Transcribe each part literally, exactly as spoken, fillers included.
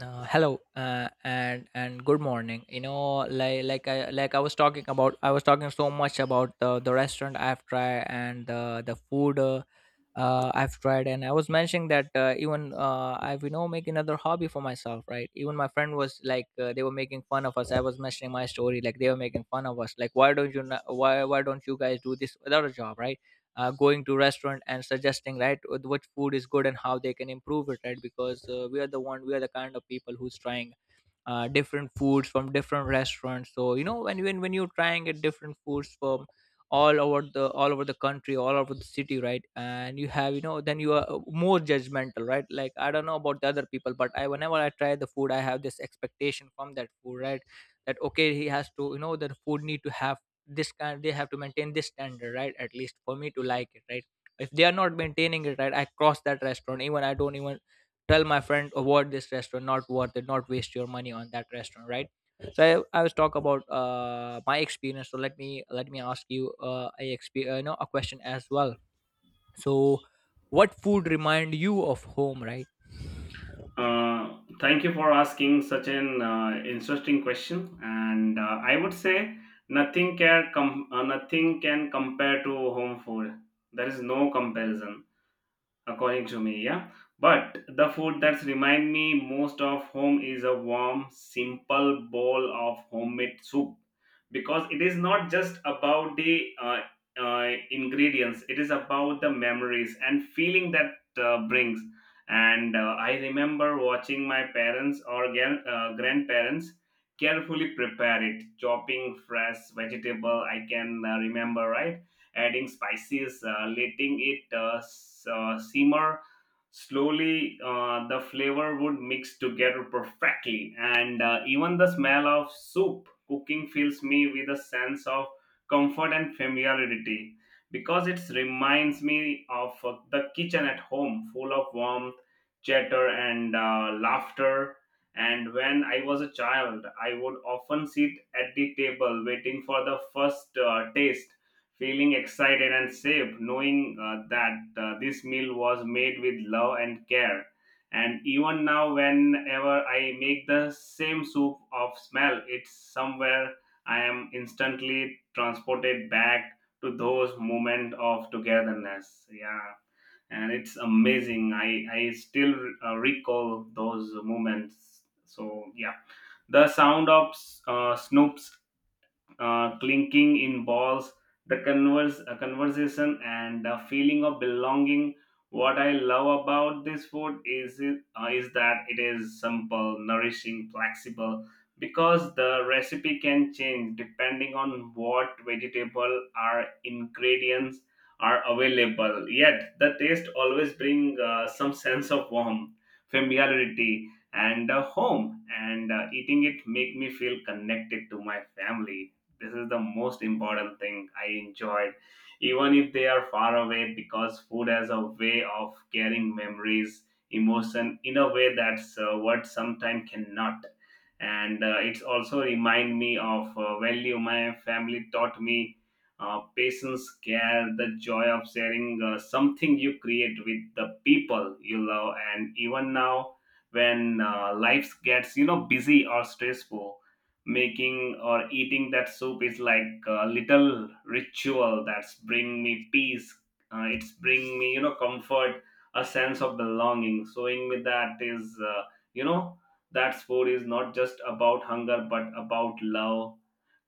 Uh, hello uh, and and good morning. You know, like like I like I was talking about, I was talking so much about the the restaurant I've tried and the the food. Uh, uh, I've tried, and I was mentioning that uh, even uh, I've you know make another hobby for myself, right? Even my friend was like, uh, they were making fun of us. I was mentioning my story, like they were making fun of us, like why don't you, not, why why don't you guys do this without a job, right? Uh, going to restaurant and suggesting right what what food is good and how they can improve it, right? Because uh, we are the one, we are the kind of people who's trying uh, different foods from different restaurants. So you know when when when you're trying at different foods from all over the all over the country, all over the city, right? And you have, you know, then you are uh, more judgmental, right? Like I don't know about the other people, but I, whenever I try the food, I have this expectation from that food, right? That okay, he has to, you know, the food need to have this kind, they have to maintain this standard, right? At least for me to like it, right? If they are not maintaining it right, I cross that restaurant. Even I don't even tell my friend, avoid this restaurant, not worth it, not waste your money on that restaurant, right? So i, I was talk about uh, my experience. So let me let me ask you uh, a exp- uh, you know a question as well. So what food remind you of home, right? Uh, thank you for asking such an uh, interesting question. And uh, I would say nothing can com- uh, nothing can compare to home food. There is no comparison according to me, yeah, but the food that's remind me most of home is a warm simple bowl of homemade soup, because it is not just about the uh, uh, ingredients, it is about the memories and feeling that uh, brings. And uh, I remember watching my parents or gran- uh, grandparents carefully prepare it, chopping fresh vegetable, I can uh, remember, right? Adding spices, uh, letting it uh, s- uh, simmer slowly. Uh, the flavor would mix together perfectly, and uh, even the smell of soup cooking fills me with a sense of comfort and familiarity, because it reminds me of uh, the kitchen at home, full of warmth, chatter, and uh, laughter. And when I was a child, I would often sit at the table waiting for the first uh, taste, feeling excited and safe, knowing uh, that uh, this meal was made with love and care. And even now, whenever I make the same soup of smell it's somewhere, I am instantly transported back to those moments of togetherness, yeah. And it's amazing, i i still uh, recall those moments, so yeah, the sound of uh, snoop's uh, clinking in balls, the converse, uh, conversation, and the feeling of belonging. What I love about this food is it uh, is that it is simple, nourishing, flexible. Because the recipe can change depending on what vegetable or ingredients are available. Yet the taste always bring uh, some sense of warmth, familiarity, and uh, home. And uh, eating it make me feel connected to my family, this is the most important thing I enjoyed, even if they are far away, because food has a way of carrying memories, emotion in a way that's uh, what sometimes cannot. And uh, it's also remind me of uh, value my family taught me, uh, patience, care, the joy of sharing uh, something you create with the people you love. And even now, when uh, life gets you know busy or stressful, making or eating that soup is like a little ritual that's bring me peace. Uh, it's bring me you know comfort, a sense of belonging, so in me that is uh, you know that sport is not just about hunger but about love,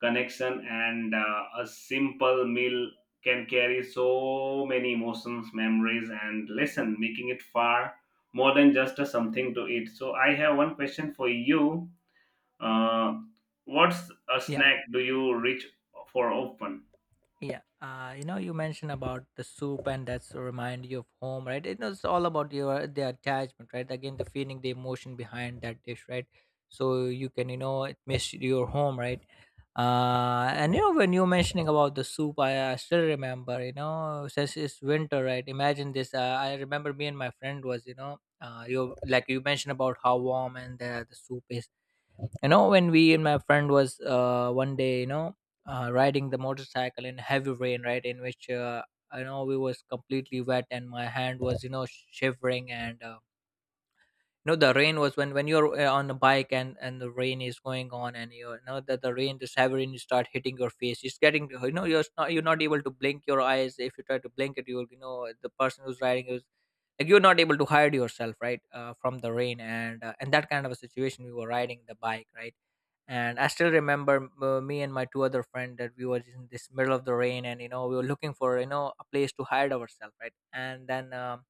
connection, and uh, a simple meal can carry so many emotions, memories, and lesson, making it far more than just a something to eat. So I have one question for you. uh, what's a Yeah. snack do you reach for often? Yeah, uh, you know, you mentioned about the soup, and that's a remind you of home, right? It was all about your the attachment, right? Again, the feeling, the emotion behind that dish, right? So you can, you know, it miss your home, right? Uh, and you know, when you're mentioning about the soup, I, I still remember, you know, since it's winter, right? Imagine this. Uh, I remember me and my friend was, you know, uh, you like you mentioned about how warm and the, the soup is, you know, when we and my friend was uh, one day, you know, uh, riding the motorcycle in heavy rain, right? In which uh, I know we was completely wet and my hand was, you know, shivering. And uh, you know, the rain was, when when you're uh, on a bike and and the rain is going on, and you know that the rain, the severing start hitting your face, it's getting, you know, you're not, you're not able to blink your eyes. If you try to blink it, you'll, you know, the person who's riding is like, you're not able to hide yourself, right, uh, from the rain. And uh, and that kind of a situation we were riding the bike, right? And I still remember, uh, me and my two other friend that we were just in this middle of the rain, and you know, we were looking for, you know, a place to hide ourselves, right? And then um,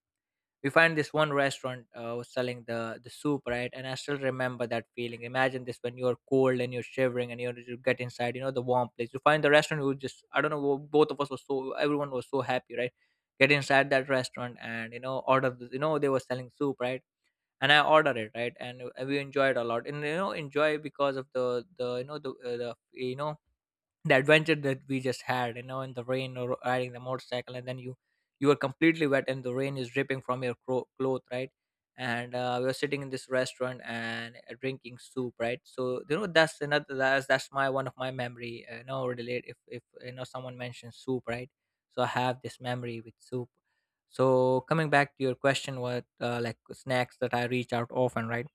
we find this one restaurant uh, was selling the the soup, right? And I still remember that feeling. Imagine this, when you're cold and you're shivering, and you you get inside, you know, the warm place, you find the restaurant. You just, I don't know, wo- both of us were so, everyone was so happy, right? Get inside that restaurant and you know, order this, you know, they were selling soup, right? And I ordered it, right? And uh, we enjoyed a lot, and you know, enjoy because of the the you know, the uh, the you know, the adventure that we just had, you know, in the rain or riding the motorcycle. And then you you were completely wet and the rain is dripping from your cro- cloth, right? And uh, we were sitting in this restaurant and uh, drinking soup, right? So you know, that's another, that's that's my one of my memory, uh, you relate, if if you know someone mentions soup, right? So I have this memory with soup. So coming back to your question, what uh, like snacks that I reach out often, right?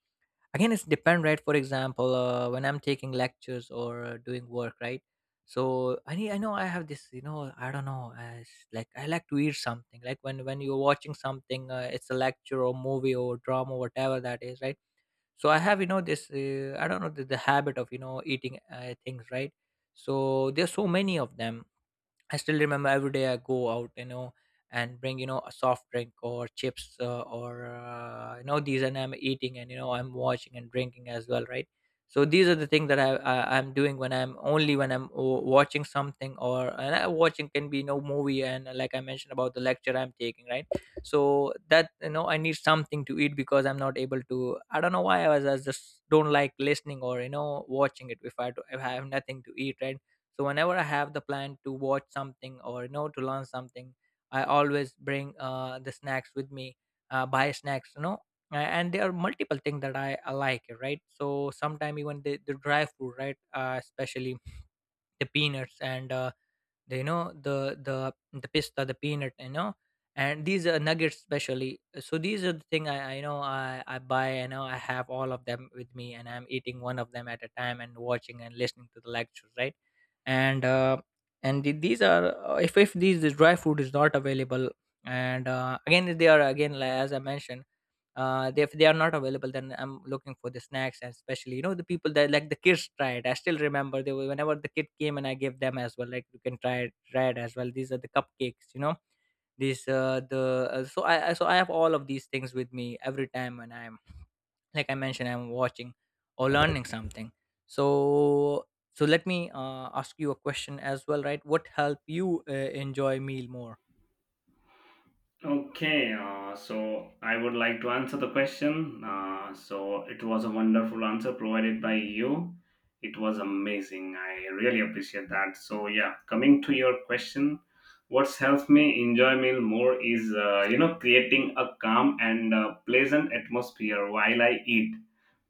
Again, it's depend, right? For example, uh, when I'm taking lectures or uh, doing work, right? So I need, I know I have this, you know, I don't know as, like I like to eat something, like when when you're watching something, uh, it's a lecture or movie or drama, whatever that is, right? So I have, you know, this, uh, I don't know, the, the habit of, you know, eating uh, things, right? So there's so many of them. I still remember every day I go out, you know, and bring, you know, a soft drink or chips, uh, or uh, you know these, and I'm eating, and you know, I'm watching and drinking as well, right? So these are the things that I, I I'm doing when I'm, only when I'm o- watching something. Or, and I, watching can be no, movie, and uh, like I mentioned about the lecture I'm taking, right? So that, you know, I need something to eat because I'm not able to. I don't know why I was, I just don't like listening or you know, watching it, if I do, if I have nothing to eat, right? So whenever I have the plan to watch something, or you know, to learn something, I always bring uh, the snacks with me, uh, buy snacks, you know. A- and there are multiple things that i, I like, right? So sometimes even the, the dry food, right? Uh, especially the peanuts and uh, the, you know, the the the pista, the peanut, you know. And these are nuggets especially. So these are the thing i, I know, I, I buy, and know I have all of them with me, and I'm eating one of them at a time and watching and listening to the lectures, right? And uh, and the- these are, uh, if if these, this dry food is not available, and uh, again, if they are, again, like, as I mentioned, uh, they, if they are not available, then I'm looking for the snacks. And especially, you know, the people that, like the kids try it, I still remember, they were, whenever the kid came and I gave them as well, like, you can try it, try it as well, these are the cupcakes, you know, these uh, the uh, so I, I so I have all of these things with me every time when I'm, like I mentioned, I'm watching or learning something. So so let me uh, ask you a question as well, right? What help you uh, enjoy meal more? Okay, uh, so I would like to answer the question. Uh, so it was a wonderful answer provided by you. It was amazing. I really appreciate that. So yeah, coming to your question, what's helped me enjoy meal more is uh, you know creating a calm and uh, pleasant atmosphere while I eat.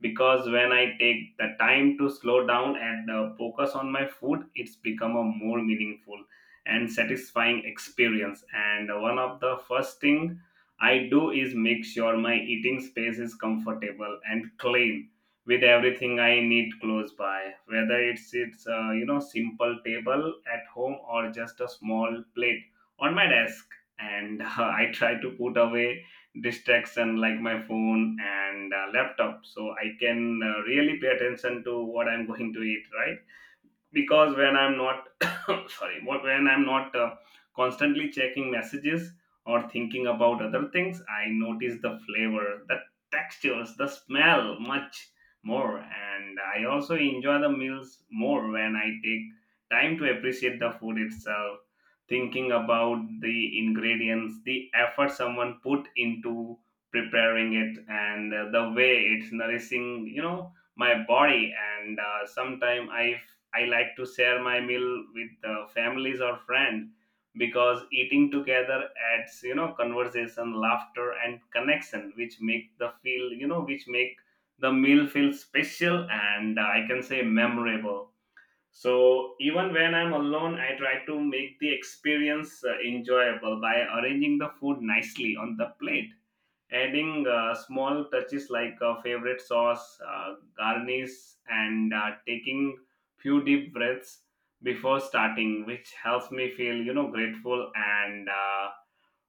Because when I take the time to slow down and uh, focus on my food, it's become a more meaningful and satisfying experience, and one of the first thing I do is make sure my eating space is comfortable and clean, with everything I need close by, whether it's it's uh, you know simple table at home or just a small plate on my desk. And I try to put away distraction like my phone and uh, laptop, so I can uh, really pay attention to what I'm going to eat, right? Because when I'm not sorry, what, when I'm not uh, constantly checking messages or thinking about other things, I notice the flavor, the textures, the smell much more. And I also enjoy the meals more when I take time to appreciate the food itself, thinking about the ingredients, the effort someone put into preparing it, and uh, the way it's nourishing you know my body. And uh, sometime i i like to share my meal with uh, families or friend, because eating together adds you know conversation, laughter, and connection, which make the feel you know which make the meal feel special and uh, I can say memorable. So even when I'm alone, I try to make the experience uh, enjoyable by arranging the food nicely on the plate, adding uh, small touches like a favorite sauce, uh, garnish, and uh, taking few deep breaths before starting, which helps me feel you know grateful and uh,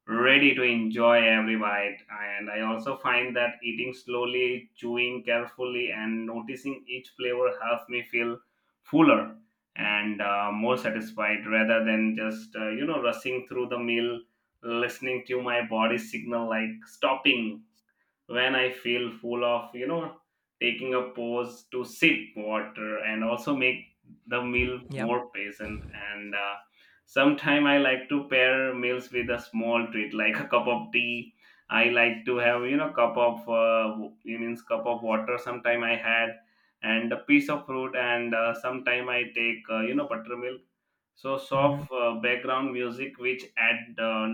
ready to enjoy every bite. And I also find that eating slowly, chewing carefully, and noticing each flavor helps me feel fuller and uh, more satisfied, rather than just uh, you know rushing through the meal, listening to my body signal like stopping when I feel full of, you know, taking a pause to sip water and also make the meal Yeah. more pleasant. And uh, sometimes I like to pair meals with a small treat like a cup of tea. I like to have, you know, cup of, uh, it means cup of water. Sometime I had, and a piece of fruit, and uh, sometime I take, uh, you know, buttermilk. So Hmm. soft uh, background music which add uh,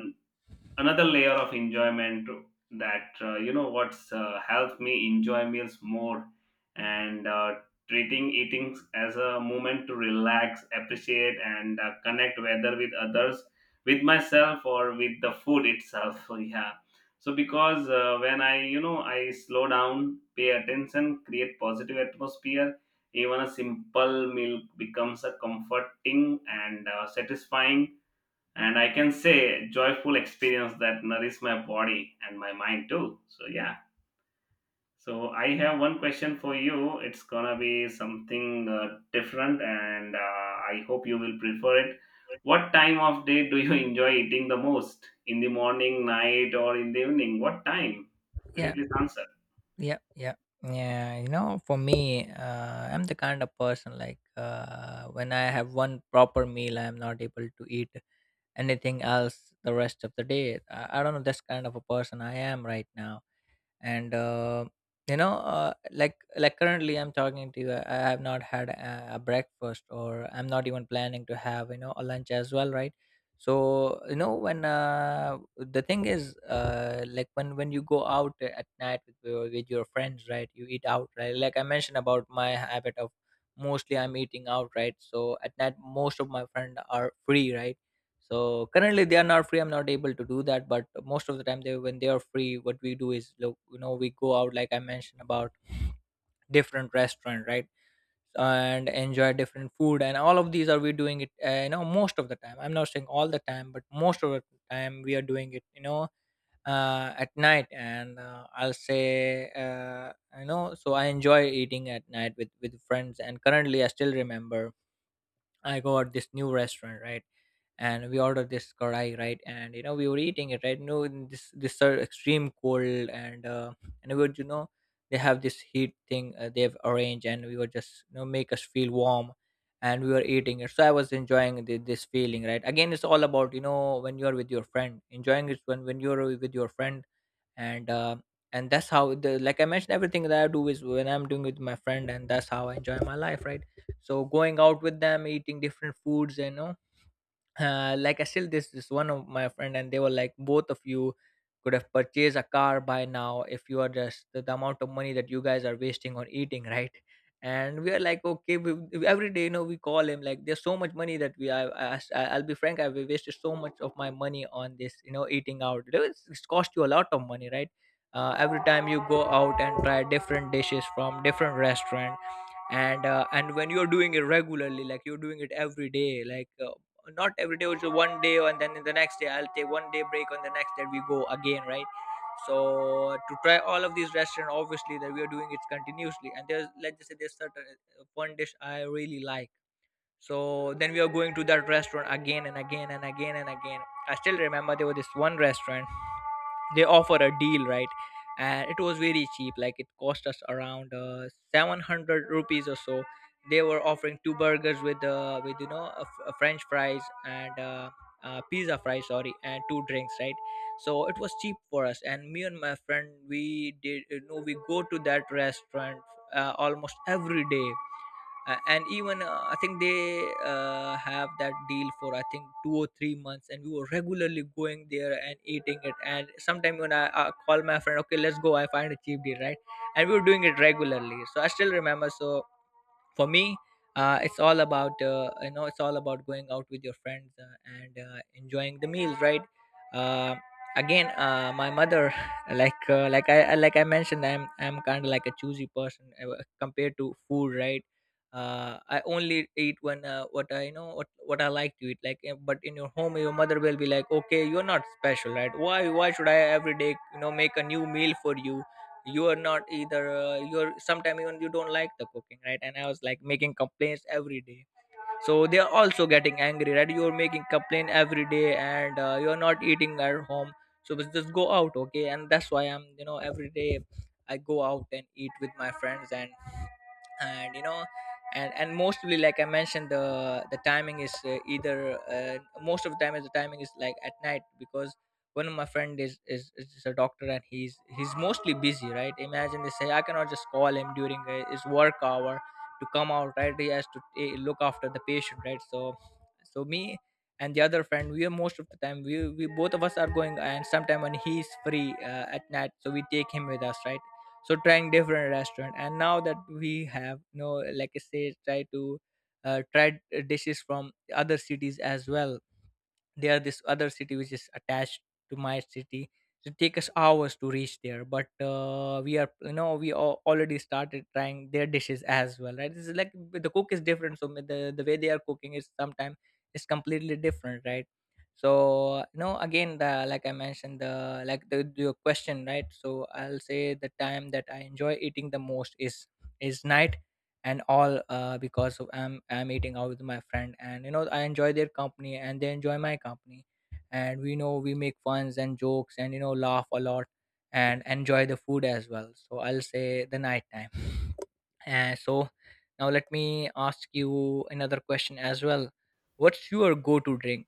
another layer of enjoyment, that uh, you know what's uh, helped me enjoy meals more. And uh, treating eating as a moment to relax, appreciate, and uh, connect, whether with others, with myself, or with the food itself. So yeah, so because uh, when I you know I slow down, pay attention, create positive atmosphere, even a simple meal becomes a comforting and uh, satisfying and I can say joyful experience that nourish my body and my mind too. So yeah. So I have one question for you. It's gonna be something uh, different, and uh, I hope you will prefer it. What time of day do you enjoy eating the most? In the morning, night, or in the evening? What time? Could you Yeah, please answer? yeah, yeah, yeah. You know, for me, uh, I'm the kind of person, like uh, when I have one proper meal, I'm not able to eat anything else the rest of the day. I, I don't know. That's kind of a person I am right now. And uh, you know, uh, like like currently I'm talking to you, i I have not had a, a breakfast, or I'm not even planning to have, you know, a lunch as well, right? So you know, when uh, the thing is, uh, like, when when you go out at night with your, with your friends, right? You eat out, right? Like I mentioned about my habit of, mostly I'm eating out, right? So at night, most of my friends are free, right? So currently they are not free. I'm not able to do that. But most of the time, they, when they are free, what we do is look, you know, we go out, like I mentioned about different restaurant, right? And enjoy different food, and all of these are we doing it. Uh, you know, most of the time. I'm not saying all the time, but most of the time we are doing it, you know, uh, at night. And uh, I'll say, uh, you know, so I enjoy eating at night with with friends. And currently, I still remember I got this new restaurant, right? And we ordered this karai, right? And you know, we were eating it, right? No, in this, this are extreme cold, and uh, and we were, you know, they have this heat thing uh, they've arranged, and we were just, you know, make us feel warm, and we were eating it. So I was enjoying the, this feeling, right? Again, it's all about you know when you are with your friend, enjoying it when when you're with your friend, and uh, and that's how, the like I mentioned, everything that I do is when I'm doing with my friend, and that's how I enjoy my life, right? So going out with them, eating different foods you know uh, Like, I still, this this one of my friend, and they were like, both of you could have purchased a car by now if you are just the, the amount of money that you guys are wasting on eating right? And we are like, okay, we, we- every day, you know we call him, like, there's so much money that we I, I, I- I'll be frank, I've wasted so much of my money on this, you know eating out. You know, it's, it's cost you a lot of money, right? Uh, every time you go out and try different dishes from different restaurant, and uh, and when you're doing it regularly, like you're doing it every day, like uh, not every day, also one day, and then the next day I'll take one day break, on the next day we go again, right? So to try all of these restaurants, obviously that we are doing it continuously, and there's, let's just say, there's certain, uh, one dish I really like. So then we are going to that restaurant again and again and again and again. I still remember there was this one restaurant, they offer a deal, right? And it was very cheap, like it cost us around uh, seven hundred rupees or so. They were offering two burgers with, uh, with you know a, f- a french fries, and uh, uh, pizza fries, sorry, and two drinks, right? So it was cheap for us, and me and my friend, we did, you know we go to that restaurant uh, almost every day. A- and even, uh, I think they uh, have that deal for, I think, two or three months, and we were regularly going there and eating it. And sometime when i, I call my friend, okay, let's go, I find a cheap deal, right? And we were doing it regularly, so I still remember. So for me, uh, it's all about, uh, you know it's all about going out with your friends, uh, and uh, enjoying the meal, right? uh, Again, uh, my mother like uh, like I I- like I mentioned, I'm I'm kind of like a choosy person, uh, compared to food, right. uh, I only eat when, uh, what I you know what what I like to eat, like, uh, but in your home, your mother will be like, okay, you're not special, right? Why why should I every day, you know make a new meal for you? You are not either, uh, you're sometimes, even you don't like the cooking, right? And I was like making complaints every day, so they are also getting angry, right? You're making complaint every day, and uh, you're not eating at home, so just just go out, okay? And that's why I'm, you know every day I go out and eat with my friends. And and you know and and mostly, like I mentioned, the the timing is, uh, either uh, most of the time is, the timing is like at night, because one of my friend is, is is a doctor, and he's he's mostly busy, right? Imagine they say, I cannot just call him during uh, his work hour to come out, right? He has to ta look after the patient, right? So so me and the other friend, we are most of the time, we, we both of us are going, and sometime when he's free, uh, at night, so we take him with us, right? So trying different restaurant, and now that we have, you know like I say, try to uh, try dishes from other cities as well. There this other city which is attached to my city, it take us hours to reach there, but uh, we are you know we al- already started trying their dishes as well, right? This is like, b- the cook is different, so the the way they are cooking is sometimes is completely different, right? So, you know again, the like I mentioned the like the your question, right. So I'll say the time that I enjoy eating the most is is night, and all, uh, because of, I'm I'm eating out with my friend, and you know I enjoy their company and they enjoy my company. And we know we make funs and jokes, and you know laugh a lot, and enjoy the food as well. So I'll say the night time. And so, now let me ask you another question as well. What's your go to drink?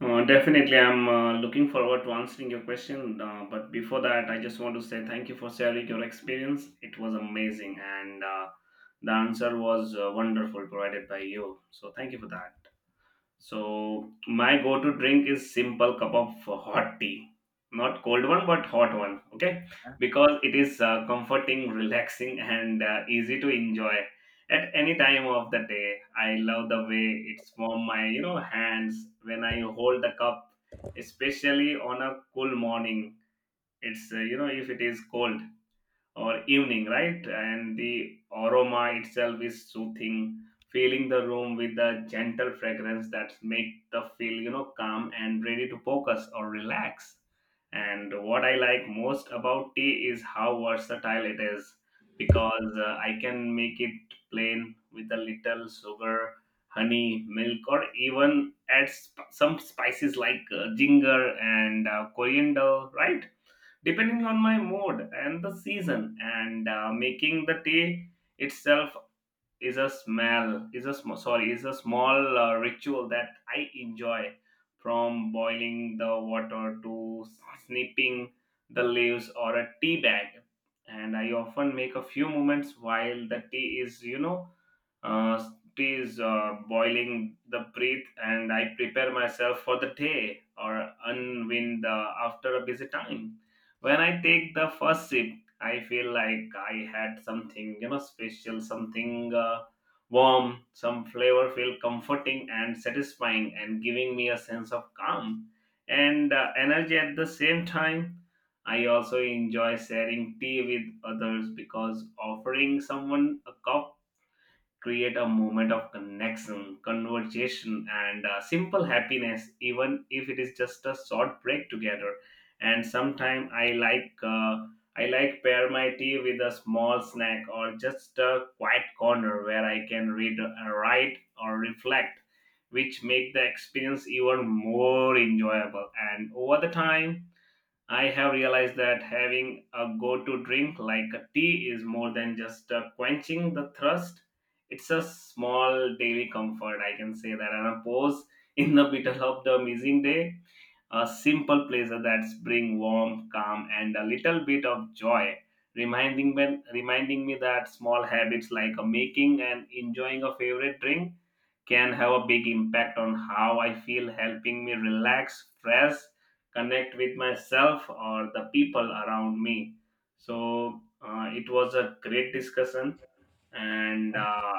Uh, definitely, I'm uh, looking forward to answering your question. Uh, but before that, I just want to say thank you for sharing your experience. It was amazing, and uh, the answer was uh, wonderful provided by you. So, thank you for that. So my go-to drink is simple cup of hot tea, not cold one but hot one. Okay, Yeah. because it is uh, comforting, relaxing, and uh, easy to enjoy at any time of the day. I love the way it's warm my you know hands when I hold the cup, especially on a cool morning. It's uh, you know if it is cold or evening, right? And the aroma itself is soothing, filling the room with a gentle fragrance that make the feel, you know, calm and ready to focus or relax. And what I like most about tea is how versatile it is, because uh, I can make it plain with a little sugar, honey, milk, or even add sp- some spices like uh, ginger and uh, coriander, right? Depending on my mood and the season, and uh, making the tea itself is a smell is a sm- sorry is a small uh, ritual that I enjoy, from boiling the water to snipping the leaves or a tea bag. And I often make a few moments while the tea is you know uh, tea is uh, boiling the breath, and I prepare myself for the day or unwind uh, after a busy time. When I take the first sip, I feel like I had something, you know, special, something uh, warm, some flavor feel comforting and satisfying, and giving me a sense of calm and uh, energy at the same time. I also enjoy sharing tea with others, because offering someone a cup create a moment of connection, conversation, and uh, simple happiness, even if it is just a short break together. And sometimes I like uh, I like pair my tea with a small snack or just a quiet corner where I can read, uh, write, or reflect, which make the experience even more enjoyable. And over the time I have realized that having a go to drink like a tea is more than just uh, quenching the thirst. It's a small daily comfort, I can say that, and a pause in the middle of the amazing day. A simple pleasure that brings warmth, calm, and a little bit of joy, reminding me, reminding me that small habits like uh, making and enjoying a favorite drink can have a big impact on how I feel, helping me relax, stress, connect with myself or the people around me. So uh, it was a great discussion, and uh,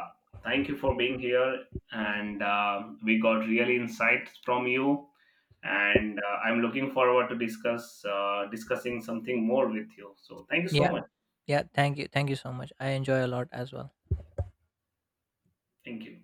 thank you for being here. And uh, we got real insights from you, and uh, I'm looking forward to discuss uh, discussing something more with you, so thank you so Yeah, much. yeah, thank you, thank you so much, I enjoy a lot as well. Thank you.